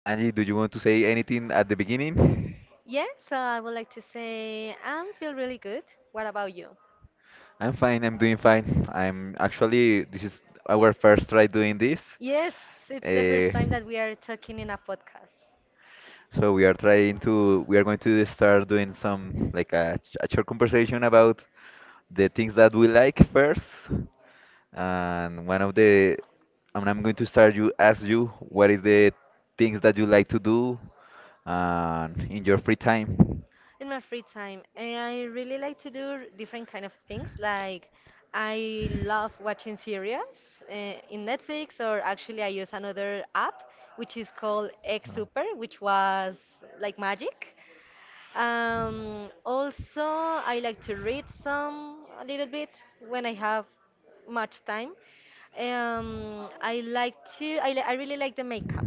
Angie, do you want to say anything at the beginning? Yeah, so I would like to say I feel really good. What about you? I'm fine, I'm doing fine. I'm actually, this is our first try doing this. Yes, it's the Eh, first time that we are talking in a podcast. so we are we are going to start doing some, like a, a short conversation about the things that we like first. And one of the, and I'm going to start you ask you what is the things that you like to do and in your free time. In my free time, and I really like to do different kind of things. Like I love watching series in Netflix, or actually I use another app which is called X which was like magic. Also, I like to read some a little bit when I have much time. I like to. I, li I really like the makeup.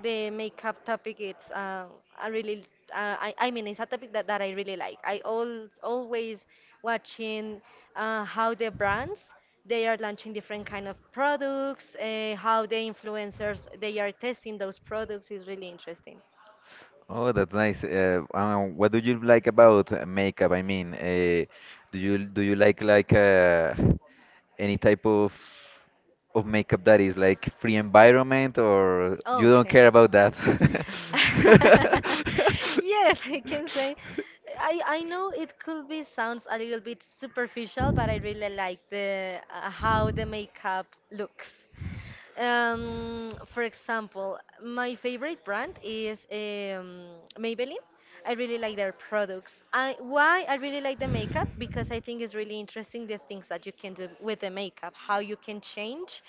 The makeup topic. It's. I really. I mean, it's a topic that I really like. I al always watching how the brands they are launching different kind of products. How the influencers they are testing those products is really interesting. Oh, that's nice. What do you like about makeup? I mean, do you like any type of makeup that is like free environment, or you don't Okay. care about that? Yes, I can say. I know it could be sounds a little bit superficial, but I really like the how the makeup looks. For example, my favorite brand is Maybelline. I really like their products. I Why I really like the makeup, because I think it's really interesting the things that you can do with the makeup, how you can change.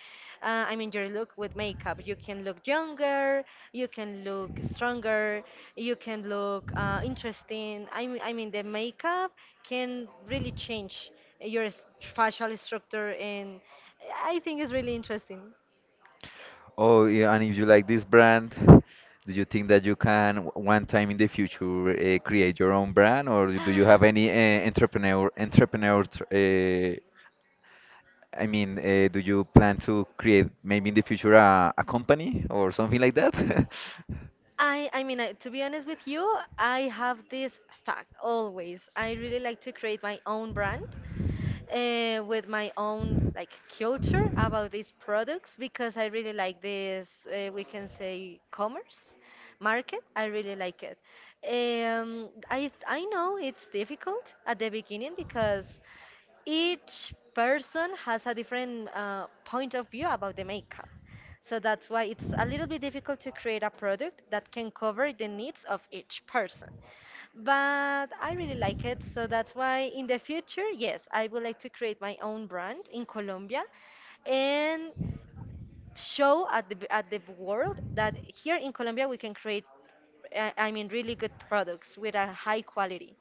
I mean your look with makeup. You can look younger, you can look stronger, you can look interesting. I mean the makeup can really change your facial structure, and I think it's really interesting. Oh, yeah, and if you like this brand, do you think that you can one time in the future create your own brand, or do you have any entrepreneur? I mean, do you plan to create maybe in the future a company or something like that? I mean, to be honest with you, I have this thought always. I really like to create my own brand with my own like culture about these products, because I really like this. We can say commerce market. I really like it. I know it's difficult at the beginning because each person has a different point of view about the makeup. So that's why it's a little bit difficult to create a product that can cover the needs of each person. But I really like it, so that's why in the future, yes, I would like to create my own brand in Colombia and show at the world that here in Colombia we can create I mean really good products with a high quality.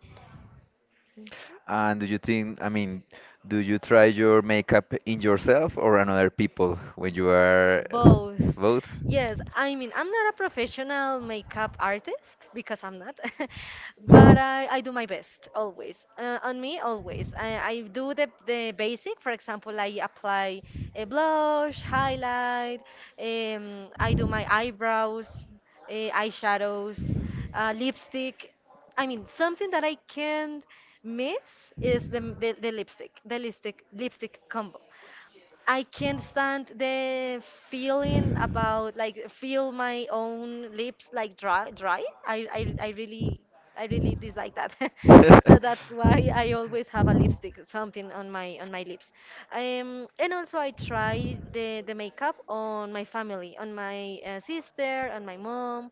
And do you think, I mean, do you try your makeup in yourself or on other people when you are Mhm. Both. both? Yes, I mean, I'm not a professional makeup artist because I'm not, but I do my best always. On me, always. I do the basic, for example, I apply a blush, highlight, I do my eyebrows, eyeshadows, lipstick. I mean, something that I can't miss is the lipstick combo. I can't stand the feeling about like feel my own lips like dry. I, I really I really dislike that. So that's why I always have a lipstick, something on my lips. And also I try the makeup on my family, on my sister, on my mom.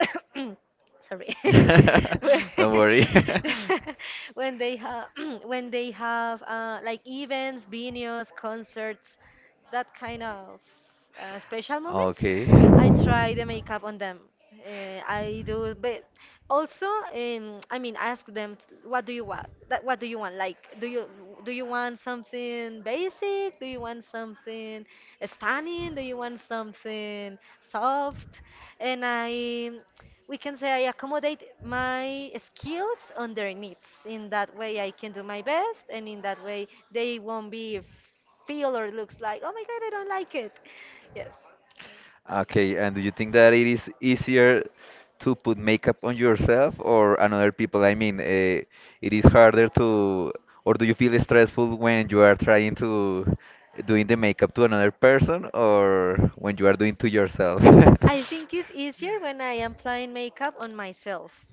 Sorry. when Don't worry. when they have when they have like events, biennials, concerts, that kind of special moments. Okay. Okay. I try the makeup on them. I do, but also, I mean, ask them, what do you want, that what do you want, like, do you want something basic, do you want something stunning, do you want something soft, and I we can say I accommodate my skills on their needs. In that way, I can do my best, and in that way, they won't be feel or looks like, oh my god, I don't like it. Yes, Okay, and do you think that it is easier to put makeup on yourself or on other people? I mean, it is harder to, or do you feel stressful when you are trying to doing the makeup to another person or when you are doing to yourself? I think it's easier when I am applying makeup on myself,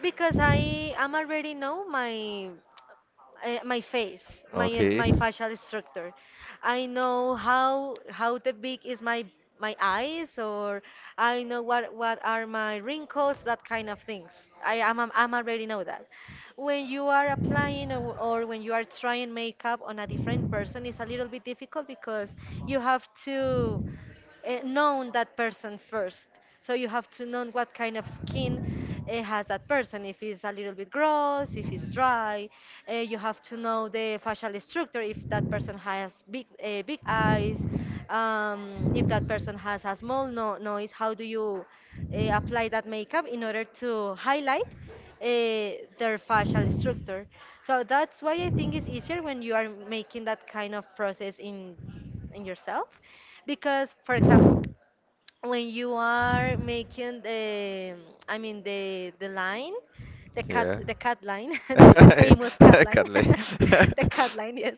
because I am already know my my face, my Okay. my facial structure. I know how the big is my eyes, or I know what are my wrinkles, that kind of things. I'm already know that. When you are applying or when you are trying makeup on a different person, it's a little bit difficult because you have to known that person first. So you have to know what kind of skin has that person. If it's a little bit gross, if it's dry, you have to know the facial structure. If that person has big big eyes, if that person has a small no nose, how do you apply that makeup in order to highlight their facial structure? So that's why I think it's easier when you are making that kind of process in yourself, because, for example, when you are making I mean the line, Yeah. the cat line, the famous cat line, Carly. the cat line, yes,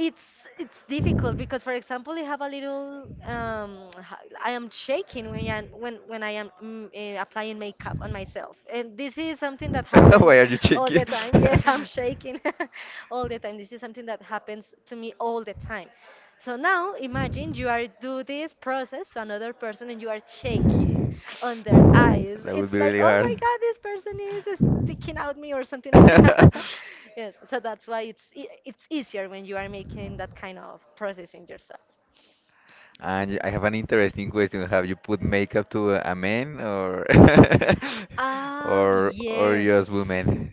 it's difficult because, for example, I have a little, I am shaking when I am applying makeup on myself, and this is something that happens Why are you all the cheeky? time. Yes, I'm shaking. All the time. This is something that happens to me all the time. So now imagine you are do this process to another person and you are shaking on their eyes, That would it's be like, really oh my hard. god, this person is sticking out me or something like that. Yes, so that's why it's easier when you are making that kind of processing yourself. And I have an Mhm. interesting question. Have you put makeup to a man, or or Yes. just women?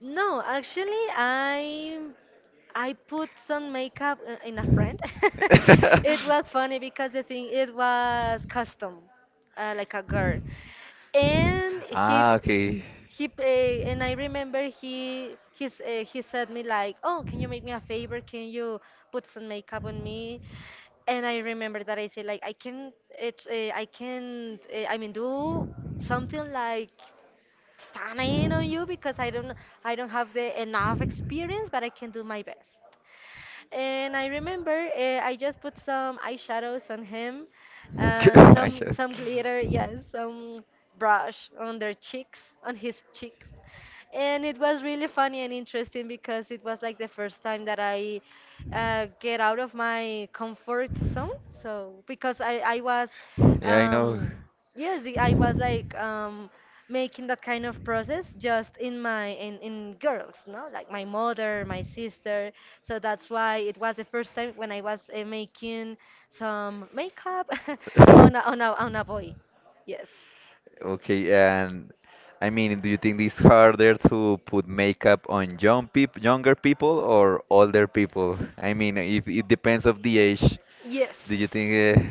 No, actually, I put some makeup in a friend. It was funny because the thing it was custom, like a girl. and he Ah, okay. and I remember he said me like, "Oh, can you make me a favor? Can you put some makeup on me?" And I remember that I said like, "I can't it I can't I mean do something like stunning on you because I don't have the enough experience, but I can do my best." And I remember I just put some eyeshadows on him, uh, I some should. some glitter, yes, some brush on their cheeks, on his cheeks. And it was really funny and interesting because it was like the first time that I get out of my comfort zone. So because I was Yeah, I know. um, yes, I was like, making that kind of process just in my in girls, no? Like my mother, my sister. So that's why it was the first time when I was making some makeup on a boy. Yes. Okay, and I mean, do you think it's harder to put makeup on younger people or older people? I mean, if it depends of the age, Yes. do you think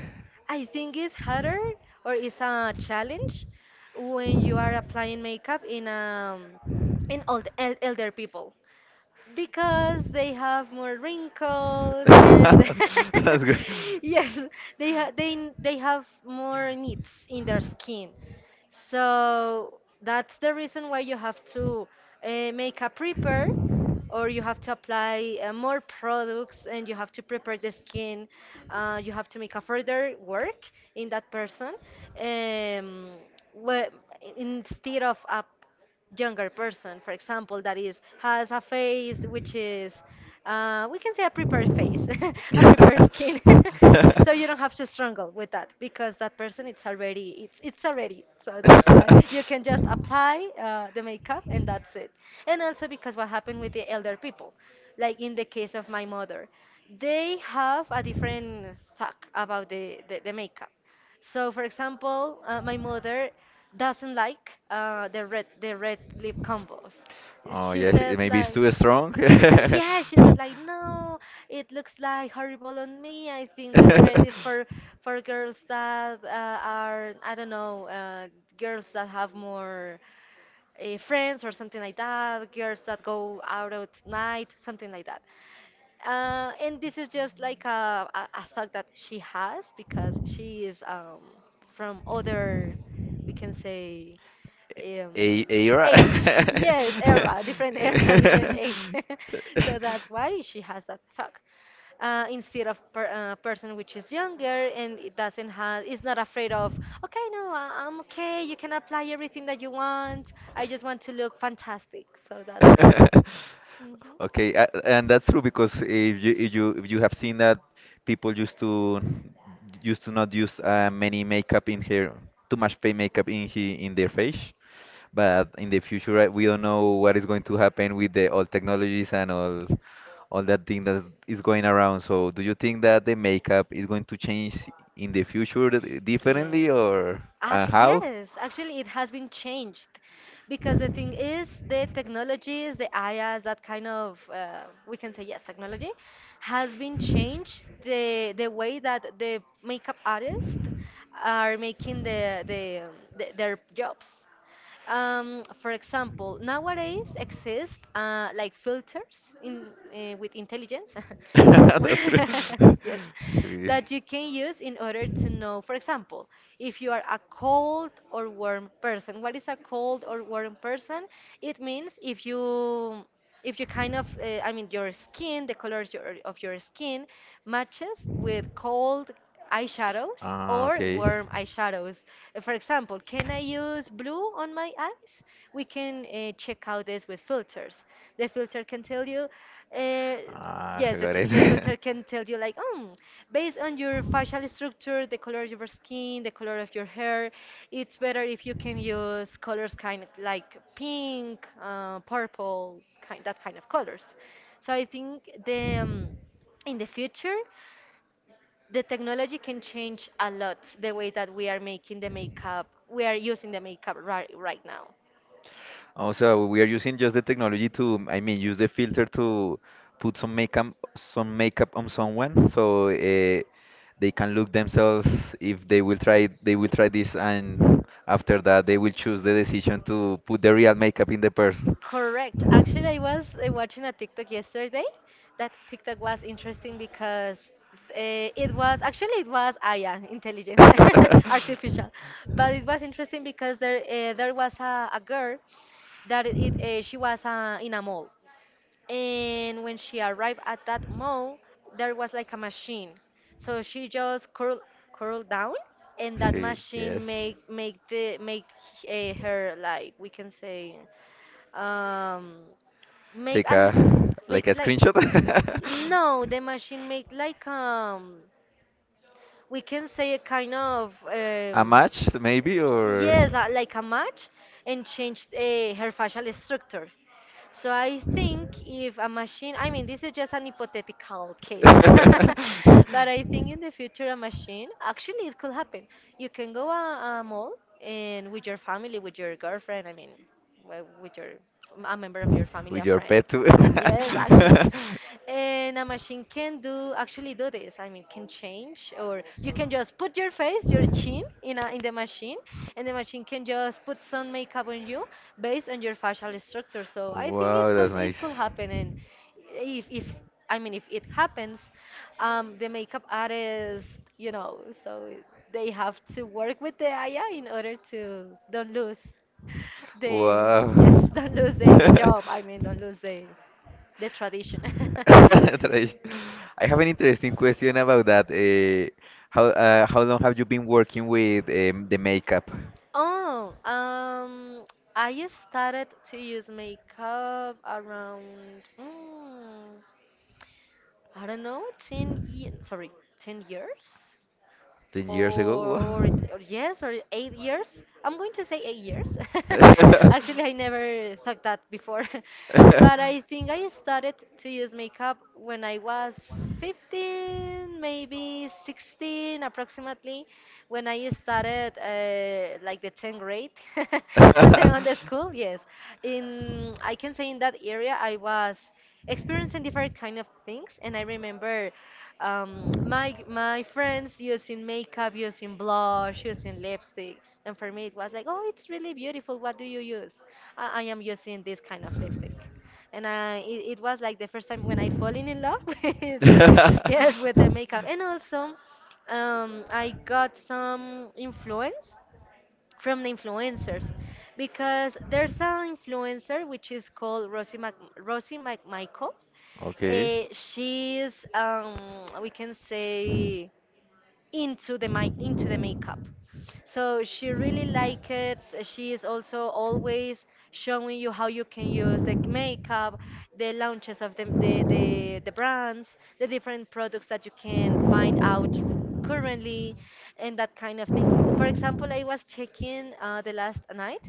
I think it's harder, or it's a challenge when you are applying makeup in old el elder people, because they have more wrinkles, and That's good. yes, they ha- they have more needs in their skin, so that's the reason why you have to make a prepare, or you have to apply more products, and you have to prepare the skin. You have to make a further work in that person, um, wh- instead of a younger person, for example, that is has a face which is, we can say, a prepared face, a prepared skin. So you don't have to struggle with that because that person it's already. So that's why you can just apply the makeup, and that's it. And also because what happened with the elder people, like in the case of my mother, they have a different thought about the makeup. So, for example, my mother doesn't like the red lip combos. Oh She yes, it said maybe it's like, too strong. yeah, she said like, no, it looks like horrible on me. I think the red is for girls that are, I don't know, girls that have more friends or something like that, girls that go out at night, something like that. And this is just like a thought that she has because she is from other, we can say, um, A age. Yes, era, different era, different age. So that's why she has that thought. Instead of person which is era. younger and it doesn't have, is not afraid of. Okay, no, I'm okay, you can apply everything that you want, I just want to look fantastic, so that's why. Mhm. Okay, and that's true, because if you if you have seen that people used to not use many makeup in her, too much fake makeup in he in their face, but in the future we don't know what is going to happen with the all technologies and all that thing that is going around. So do you think that the makeup is going to change in the future differently? Yes. Or Actually, how? yes, actually, it has been changed because the thing is, the technologies, the IaaS, that kind of, we can say, yes, technology has been changed. The way that the makeup artists are making their jobs. For example, nowadays exist like filters in, with intelligence, where- yes, Yeah. that you can use in order to know. For example, if you are a cold or warm person, what is a cold or warm person? It means if you if you your skin, the color of your skin matches with cold eyeshadows or warm eyeshadows. For example, can I use blue on my eyes? We can check out this with filters. The filter can tell you uh, yes, the filter can tell you, like, based on your facial structure, the color of your skin, the color of your hair, it's better if you can use colors kind of like pink, purple, kind that kind of colors. So I think the in the future, the technology can change a lot the way that we are making the makeup. We are using the makeup right now. Also, we are using just the technology to, I mean, use the filter to put some makeup on someone, so they can look themselves. If they will try, they will try this, and after that, they will choose the decision to put the real makeup in the person. Correct. Actually, I was watching a TikTok yesterday. That TikTok was interesting because it was AI, intelligence, artificial, but it was interesting because there was a girl that it she was in a mall, and when she arrived at that mall, there was like a machine, so she just curled down, and that He, machine yes. make make the make her, like, we can say, um make a Take l- a like make a like screenshot. no the machine make like, we can say, a kind of, A match, maybe, or yes, like a match, and change her facial structure. So I think if a machine, I mean, this is just an hypothetical case, no? But I think in the future a machine actually it could happen. You can go a mall, and with your family, with your girlfriend, I mean, well, with your a member of your family, With a your friend. pet too. Yes, actually. And a machine can do actually do this. I mean, can change, or you can just put your face, your chin in a, in the machine, and the machine can just put some makeup on you based on your facial structure. So I think it That's could happen. And if I mean, if it happens, the makeup artist, you know, so they have to work with the AI in order to don't lose don't lose the job. I mean, don't lose the tradition. happen, and they will wow. Company lose the tradition. Tradition. I have an interesting question about that. How how long have you been working with the makeup? Oh, I started to use makeup around, I don't know, 10 ye sorry, 10 years? 10 years ago? Wow. Or, yes, or 8 years. I'm going to say 8 years. Actually, I never thought that before. But I think I started to use makeup when I was 15, maybe 16, approximately, when I started like the 10th grade. On the on the school, yes. In, I can say, in that area I was experiencing different kind of things, and I remember, my friends using makeup, using blush, using lipstick, and for me it was like, oh, it's really beautiful. What do you use? I am using this kind of lipstick. And I it was like the first time when I falling in love with, yes, with the makeup. And also, I got some influence from the influencers, because there's an influencer which is called Rosie, Rosie McMichael. Okay. She's, we can say, into the makeup. So she really likes it. She is also always showing you how you can use the makeup, the launches of the brands, the different products that you can find out currently, and that kind of things. For example, I was checking the last night,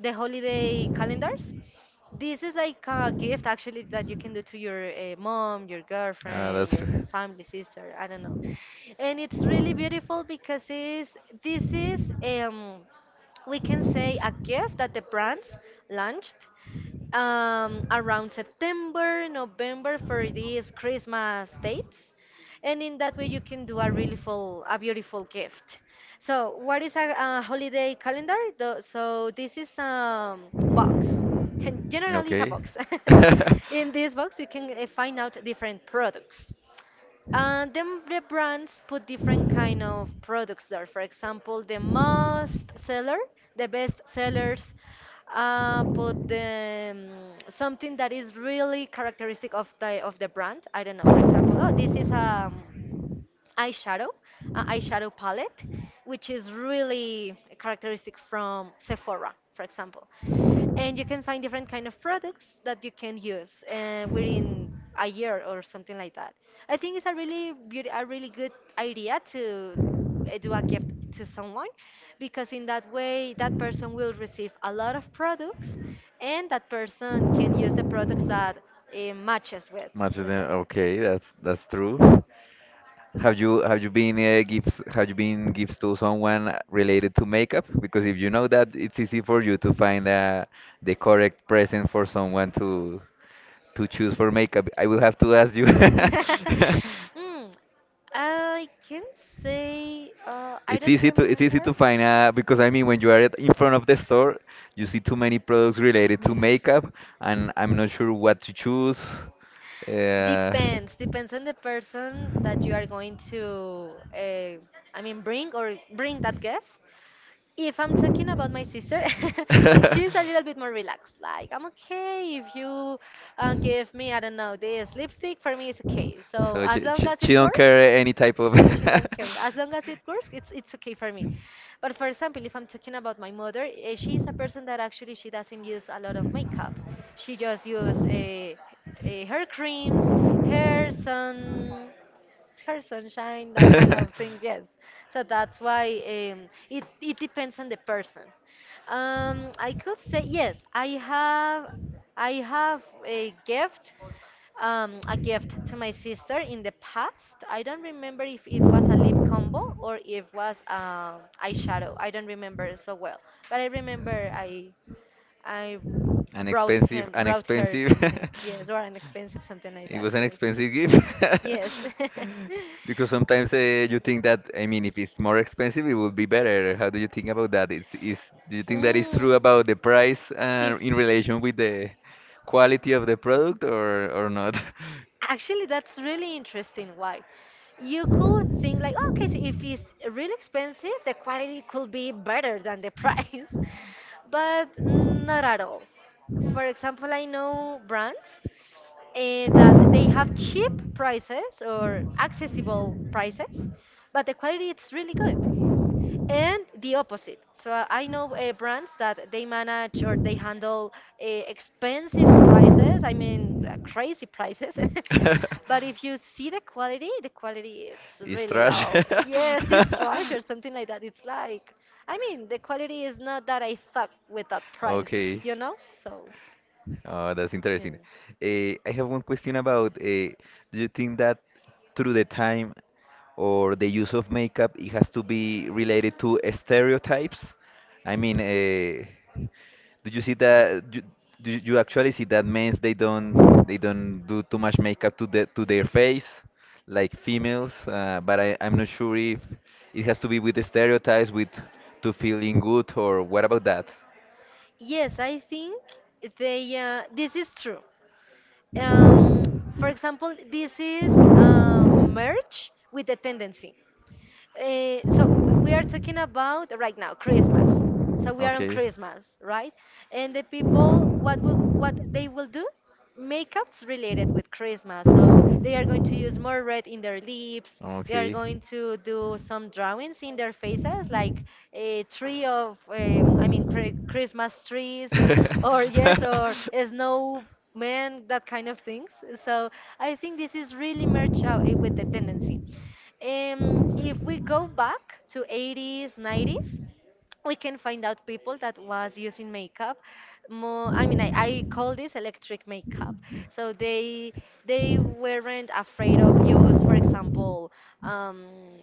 the holiday calendars. This is like a gift, actually, that you can do to your mom, your Ah, that's girlfriend, your true. family, sister, I don't know. And it's really beautiful because this is, we can say, a gift that the brands launched around September, November, for these Christmas dates, and in that way you can do a really a beautiful gift. So what is a holiday calendar? So this is a box, and generally it's a Okay. box. In this box you can find out different products. And then the brands put different kind of products there. For example, the most seller, the best sellers, put something that is really characteristic of the brand. I don't know. For example, oh, this is a eyeshadow, eyeshadow palette, which is really characteristic from Sephora, for example. And you can find different kind of products that you can use within a year or something like that. I think it's a really a really good idea to do a gift to someone, because in that way that person will receive a lot of products, and that person can use the products that matches Matches with them. them. Okay, that's true. Have you been gifts to someone related to makeup? Because if you know that, it's easy for you to find the correct present for someone to choose for makeup. I will have to ask you. mm, I can say, I don't it's easy remember. to find because I mean when you are at, in front of the store, you see too many products related to Yes. makeup, and I'm not sure what to choose. Depends. Depends on the person that you are going to, I mean, bring that gift. If I'm talking about my sister, Uh, she's a little bit more relaxed. Like, I'm okay if you give me, I don't know, this lipstick, for me it's okay. So So as long as it she don't works, care any type of. she don't care. As long as it works, it's okay for me. But for example, if I'm talking about my mother, eh, she is a person that actually she doesn't use a lot of makeup. She just use hair creams, hair, some her sunshine, that kind of thing. Yes, so that's why, it it depends on the person. I could say yes. I have a gift to my sister in the past. I don't remember if it was a lip combo or if was eyeshadow. I don't remember so well, but I remember I An brought expensive, him an brought her expensive. something. Yes, or an expensive something like It that. was an Yes. expensive gift. Yes. Because sometimes you think that, I mean, if it's more expensive, it would be better. How do you think about that? Do you think that is true Mm. about the price Is- in relation with the quality of the product, or not? Actually, that's really interesting. Why? You could think like, "Oh, okay, so if it's really expensive, the quality could be better than the price," but not at all. For example, I know brands, eh, that they have cheap prices or accessible prices, but the quality is really good. And the opposite. So, I know brands that they manage or they handle expensive prices, I mean, crazy prices. But if you see the quality it's really low. Yes, it's trash or something like that. It's like, I mean, the quality is not that I thought with that price, you know? So, Oh, that's yeah. interesting. I have one question about do you think that through the time or the use of makeup, it has to be related to stereotypes? I mean, do you see that do you actually see that men they don't do too much makeup to the to their face like females? But I'm not sure if it has to be with the stereotypes with to feeling good, or what about that? Yes, I think they. This is true. Um, for example, this is merge with the tendency. So we are talking about right now Christmas. So we are on Christmas, right? And the people, what they will do? Makeups related with Christmas. So they are going to use more red in their lips. They are going to do some drawings in their faces, like a tree of, I mean, Christmas trees, or yes, or a snowman, that kind of things. So I think this is really merged out, eh, with the tendency. If we go back to 80s, 90s, we can find out people that was using makeup more, I mean, I call this electric makeup. So they weren't afraid of use, for example, um,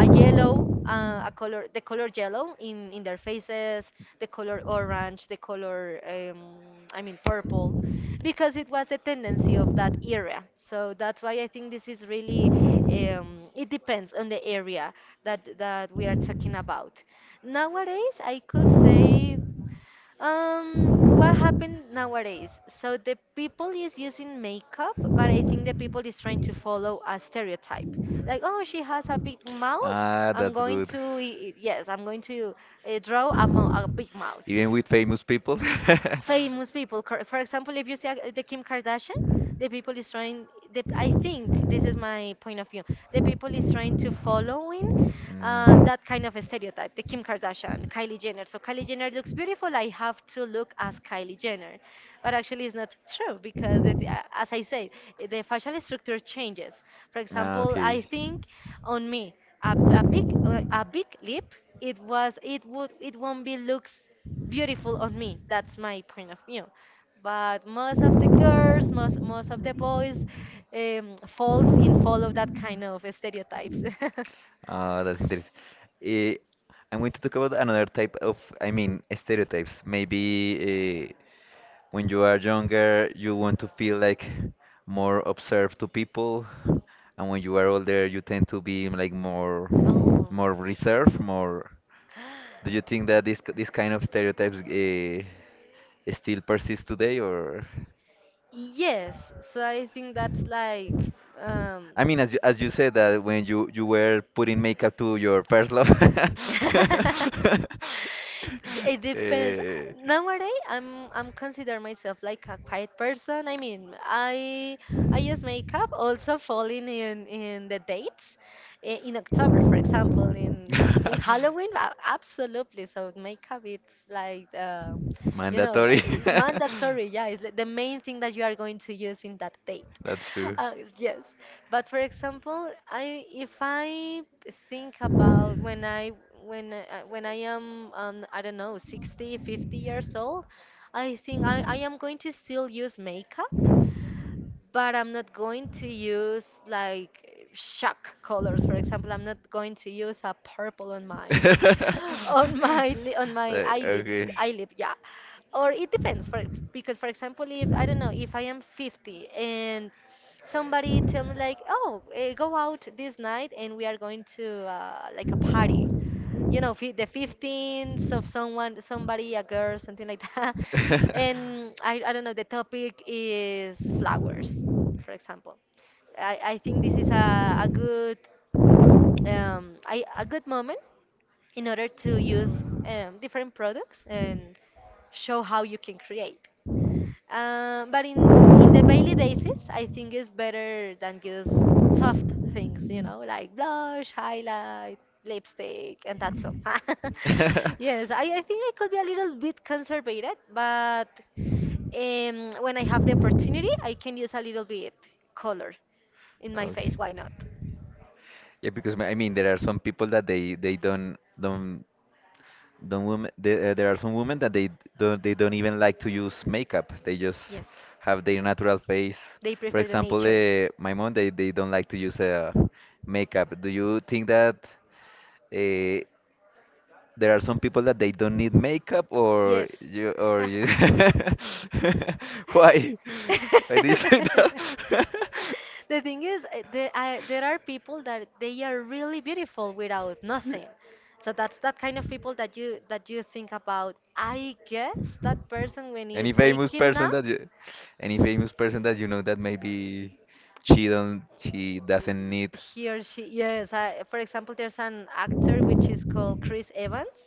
a yellow, a color, the color yellow in their faces, the color orange, the color, I mean, purple, because it was the tendency of that area. So that's why I think this is really, it depends on the area that that we are talking about. Nowadays, I could say, what happened nowadays? So the people is using makeup, but I think the people is trying to follow a stereotype. Like, oh, she has a big mouth. Ah, I'm that's going good. to, yes, I'm going to draw a, a big mouth. Even with famous people? Famous people. For example, if you see the Kim Kardashian, the people is trying. I think this is my point of view. The people is trying to following that kind of a stereotype. The Kim Kardashian, Kylie Jenner. So Kylie Jenner looks beautiful. I have to look as Kylie Jenner, but actually it's not true because, it, Mm. As I said, the facial structure changes. For Ah, example, I okay. think on me a, a big lip. It was it would it won't be looks beautiful on me. That's my point of view. But most of the girls, most of the boys, They falls in follow that kind of stereotypes. That's interesting. Eh, I'm going to talk about another type of, I mean, stereotypes. Maybe when you are younger, you want to feel like more observed to people, and when you are older, you tend to be like Oh. more reserved, more. Do you think that this kind of stereotypes still persist today, or? Yes, so I think that's like, um I mean, as as you said, that when you were putting makeup to your first love. It depends. Eh, Nowadays, I'm consider myself like a quiet person. I mean, I use makeup also falling in the dates, in October, for example, in Halloween. Absolutely. So makeup it's like Mandatory. like mandatory, yeah, it's like the main thing that you are going to use in that date. That's true. Yes, but for example, I if I think about when I am I don't know, 60, 50 years old, I think I am going to still use makeup, but I'm not going to use like shock colors. For example, I'm not going to use a purple on my on my on my eyelid. Yeah, or it depends. For Because for example, if I don't know, if I am 50 and somebody tell me like, oh, go out this night and we are going to like a party, the 15th of someone, somebody, a girl, something like that. And I don't know, the topic is flowers, for example. I think this is a good moment in order to use different products and show how you can create. But in the daily basis, I think it's better than just soft things, you know, like blush, highlight, lipstick, and that's all. Yes, I think I could be a little bit conservative, but when I have the opportunity, I can use a little bit color in my face. Why not? Yeah, because I mean there are some people that they don't women there, there are some women that don't, they don't even like to use makeup. They just Yes, have their natural face. they For prefer the example, nature. My mom, they don't like to use makeup. Do you think that uh, there are some people that they don't need makeup? or Yes. you Or you why why You. do you say that? The thing is, there are people that they are really beautiful without nothing. So that's that kind of people that you think about. I guess that person when Any he's famous waking person up, that any famous person that you know that maybe she doesn't need, he or she. Yes. For example, there's an actor which is called Chris Evans.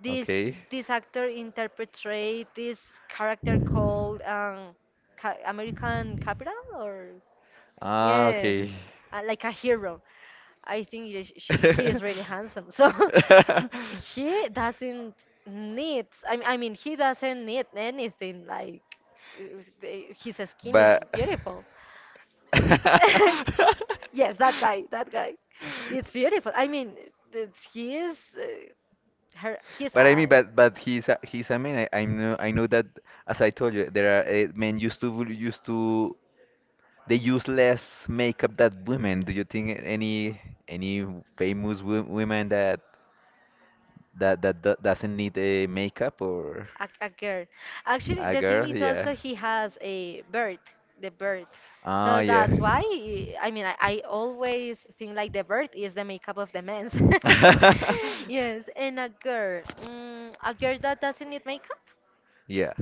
this okay? this actor interpreted this character called American capital, or Ah, yes, okay. Like a hero. I think yes, he is really handsome, so he doesn't need, I mean, he doesn't need anything like, his skin is But beautiful. Yes, that guy, that guy. It's beautiful. I mean, he is, his but I mean, eyes. But he's he's a man. I know, I know that as I told you, there are men used to the useless makeup that women. Do you think any any famous women that that doesn't need a makeup, or A girl. Actually, a the thing girl? is Yeah. also he has a bird, the bird. Oh So yeah. that's why, I mean, I always think like the bird is the makeup of the men's. Yes, and a girl. A girl that doesn't need makeup? Yeah,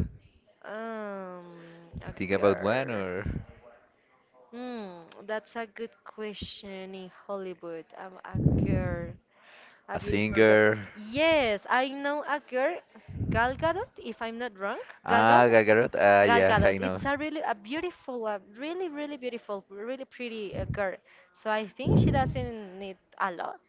Um, a think about one, girl. or That's a good question in Hollywood. A girl, a a beautiful girl. singer? Yes, I know a girl, Gal Gadot, if I'm not wrong. Gal Ah, Gadot? Gal Gadot. Ah, Gal yeah, I Gadot. It's a really a beautiful, a really really beautiful, really pretty, girl. So I think she doesn't need a lot.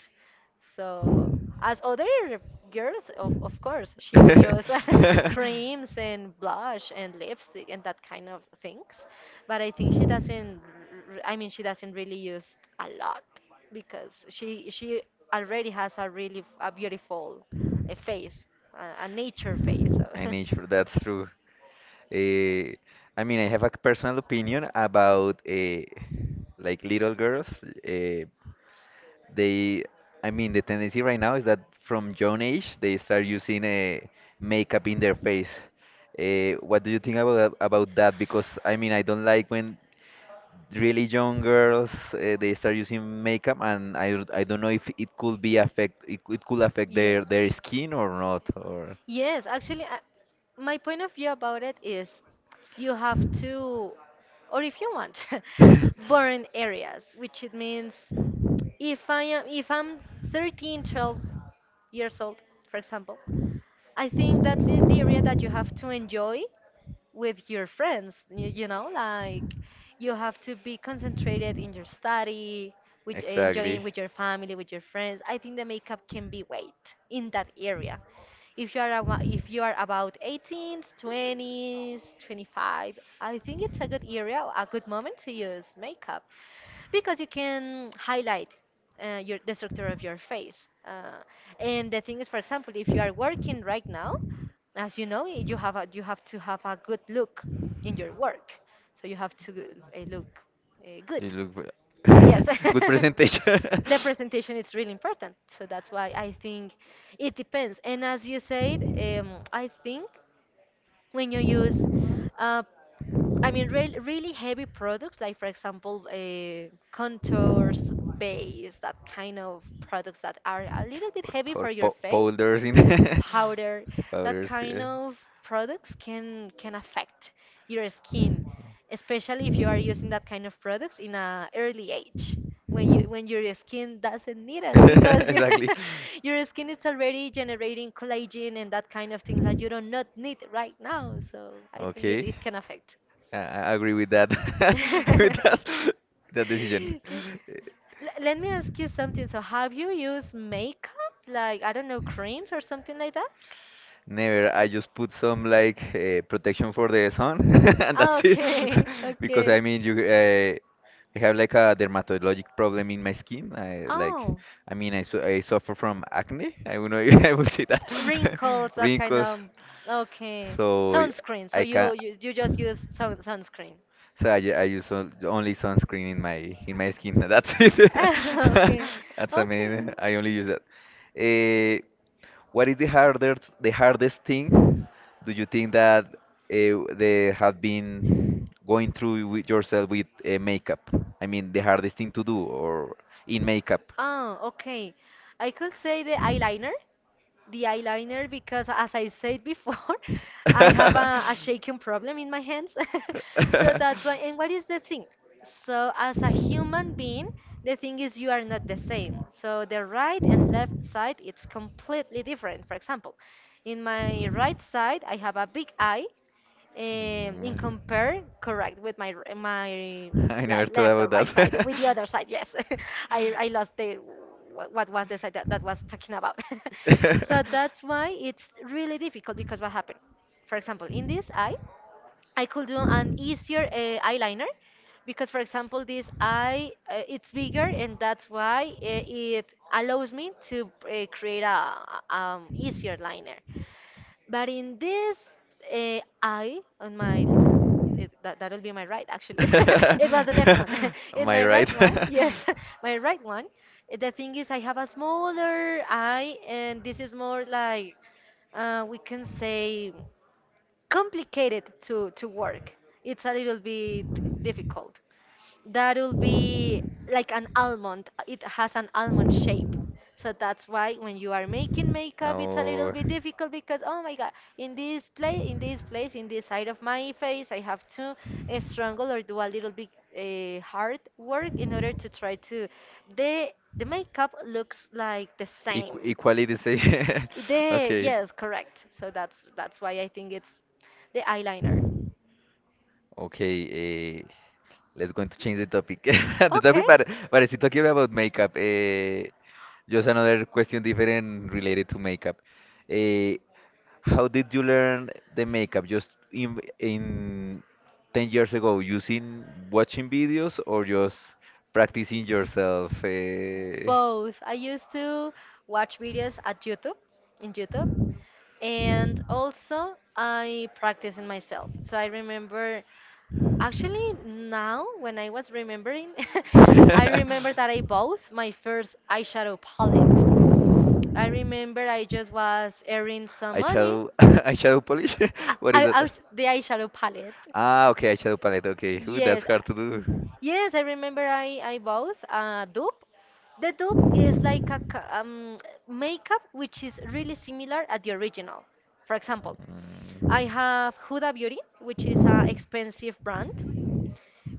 So as other girls, of course, she will know. use creams and blush and lipstick and that kind of things. But I think she doesn't. I mean, she doesn't really use a lot because she already has a really a beautiful face, a nature face. So. An nature, that's true. Eh, I mean, I have a personal opinion about like little girls. Uh, they, I mean, the tendency right now is that from young age they start using makeup in their face. What do you think about that? Because I mean, I don't like when really young girls they start using makeup, and I don't know if it could be affect it, it could affect Yes. their skin or not, or Yes, actually, my point of view about it is you have to, or if you want, burn areas, which it means if I'm 13, 12 years old, for example, I think that's the area that you have to enjoy with your friends. You know, like you have to be concentrated in your study, with exactly. enjoying with your family, with your friends. I think the makeup can be weight in that area. If you are about 18s 20s 25, I think it's a good area, a good moment to use makeup, because you can highlight, your the structure of your face. And the thing is, for example, if you are working right now, as you know, you have to have a good look in your work. So you have to, look, good. You look Yes. Good presentation. The presentation is really important. So that's why I think it depends. And as you said, I think when you use, uh, I mean, really heavy products, like for example, contours, base, that kind of products that are a little bit or, heavy or for your face, powders in powder, that powders, kind yeah. of products can affect your skin, especially if you are using that kind of products in a early age, when your skin doesn't need it because your Exactly. your skin is already generating collagen and that kind of things that you do not need right now. So I think it, Okay. it can affect. Yeah, I agree with that with that that decision. Yeah. S- Let me ask you something. So, have you used makeup? Like, I don't know, creams or something like that? Never. I just put some like protection for the sun, and Oh, that's it. okay, Because okay. I mean, you I have like a dermatologic problem in my skin. Oh, I mean, I suffer from acne. I will know I will say that wrinkles, that kind wrinkles. of. Okay. So Sunscreen. So I can. you just use sunscreen. So I use only sunscreen in my skin. That's it. Okay. That's, I Okay. mean I only use that. Eh, what is the hardest thing do you think that they have been going through with yourself with makeup? I mean the hardest thing to do or in makeup. Oh, okay. I could say the eyeliner, because as I said before, I have a shaking problem in my hands. So that's why. And what is the thing? So, as a human being, the thing is you are not the same. So, the right and left side, it's completely different. For example, in my right side, I have a big eye, in compare, correct, with my Mm. I never like left thought or right about side that. with the other side. Yes. I lost the, what was the side that, was talking about. So that's why it's really difficult, because what happened, for example, in this eye I could do an easier eyeliner, because for example this eye, it's bigger, and that's why, it allows me to, create a, easier liner. But in this, eye on my, it, that'll be my right actually. It was the left one. In my right one. Yes. My right one. The thing is I have a smaller eye, and this is more like, we can say, complicated to work. It's a little bit difficult. That'll be like an almond. It has an almond shape. So that's why when you are making makeup, it's a little bit difficult, because, oh my god, in this place, in this place, in this side of my face, I have to, strangle, or do a little bit, hard work in order to try to, the the makeup looks like the same. Equality say. Yeah. The Yes, correct. So that's why I think it's the eyeliner. Okay. Let's going to change the topic. The Okay. topic, but it's talking about makeup. Just another question different related to makeup. Eh, how did you learn the makeup? Just in 10 years ago, using watching videos, or just practicing yourself? Eh? Both. I used to watch videos in YouTube, and also I practice in myself. So I remember, actually, now when I was remembering, I remember that I Eyeshadow, bought my first eyeshadow palette. I remember I just was earning some money. eyeshadow polish? What is that? The eyeshadow palette. Ah, okay, eyeshadow palette. Okay, ooh, that's Yes, hard to do. Yes, I remember I bought a dupe. The dupe is like a makeup which is really similar at the original. For example, I have Huda Beauty, which is an expensive brand,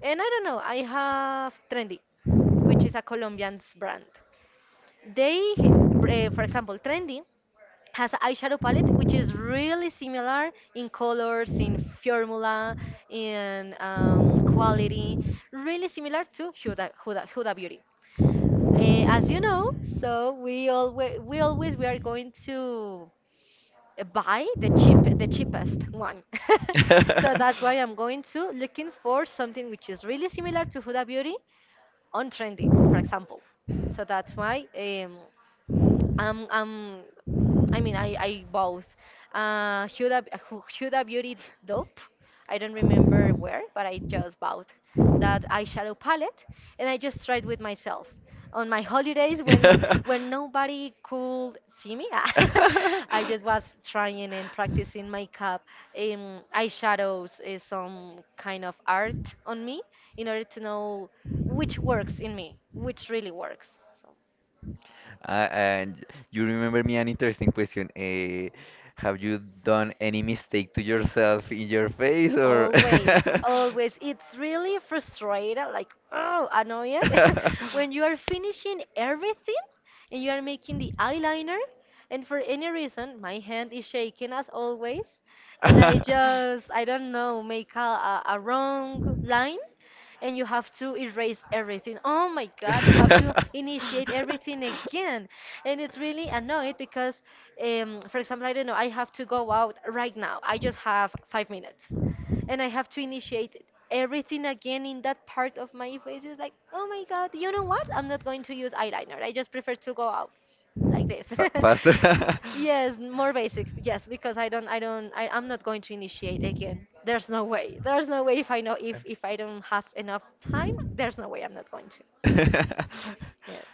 and I don't know, I have Trendy, which is a Colombian brand. They, h- br- eh, For example, Trendy has an eyeshadow palette which is really similar in colors, in formula, in quality, really similar to Huda Beauty. As you know, so we are going to, buy the cheapest one. So that's why I'm going to looking for something which is really similar to Huda Beauty on Trendy, for example. So that's why, um, um, I mean, I both. Huda Beauty Dope. I don't remember where, but I just bought that eyeshadow palette, and I just tried with myself on my holidays when when nobody could see me. Mm. I just was trying and practicing makeup, eyeshadows, is some kind of art on me in order to know which works in me, which really works. So. And you remember me an interesting question. Have you done any mistake to yourself in your face, or? Always, always. It's really frustrated, like, oh, annoyed, when you are finishing everything and you are making the eyeliner, and for any reason, my hand is shaking as always, and I just, I don't know, make a wrong line, and you have to erase everything. Oh my God, you have to initiate everything again. And it's really annoying because, for example, I don't know, I have to go out right now. I just have 5 minutes and I have to initiate everything again in that part of my face. It's like, oh my god, you know what? I'm not going to use eyeliner. I just prefer to go out like this. Fa faster. Yes, more basic. Yes, because I don't, I don't, I, I'm not going to initiate again. There's no way. There's no way, if I know if I don't have enough time, there's no way I'm not going to. Yes,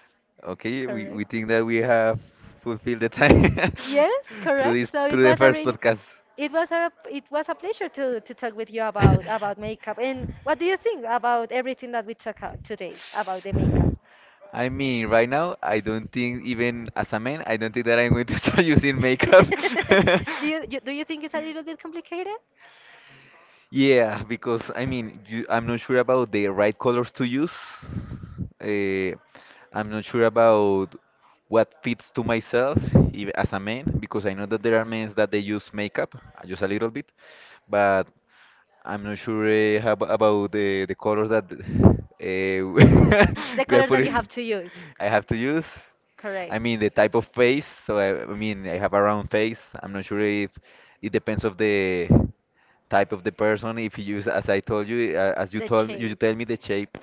Okay, we correct. think that we have fulfilled the time Yes, through correct. this So it through the was a first really, podcast. it was a pleasure to talk with you about makeup. And what do you think about everything that we talked out today about the makeup? I mean, right now, I don't think even as a man, I don't think that I'm going to start using makeup. Do you think it's a little bit complicated? Yeah, because I mean, I'm not sure about the right colors to use. Uh, I'm not sure about what fits to myself as a man, because I know that there are men that they use makeup just a little bit, but I'm not sure about the colors that The we are colors that you have putting. to use. I have to use. I Correct. mean the type of face. So I mean I have a round face. I'm not sure if it depends of the type of the person. If you use, as I told you, as you The told you shape. tell me the shape.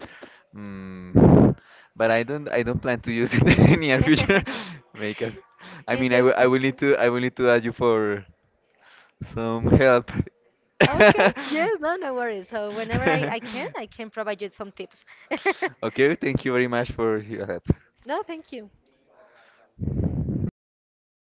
Mm, but I don't plan to use it in the near future makeup. I In mean the future. I will need to ask you for some help. Okay. Yes, no, no worries. So whenever I, I can, I can provide you some tips. Okay, thank you very much for your help. No, thank you.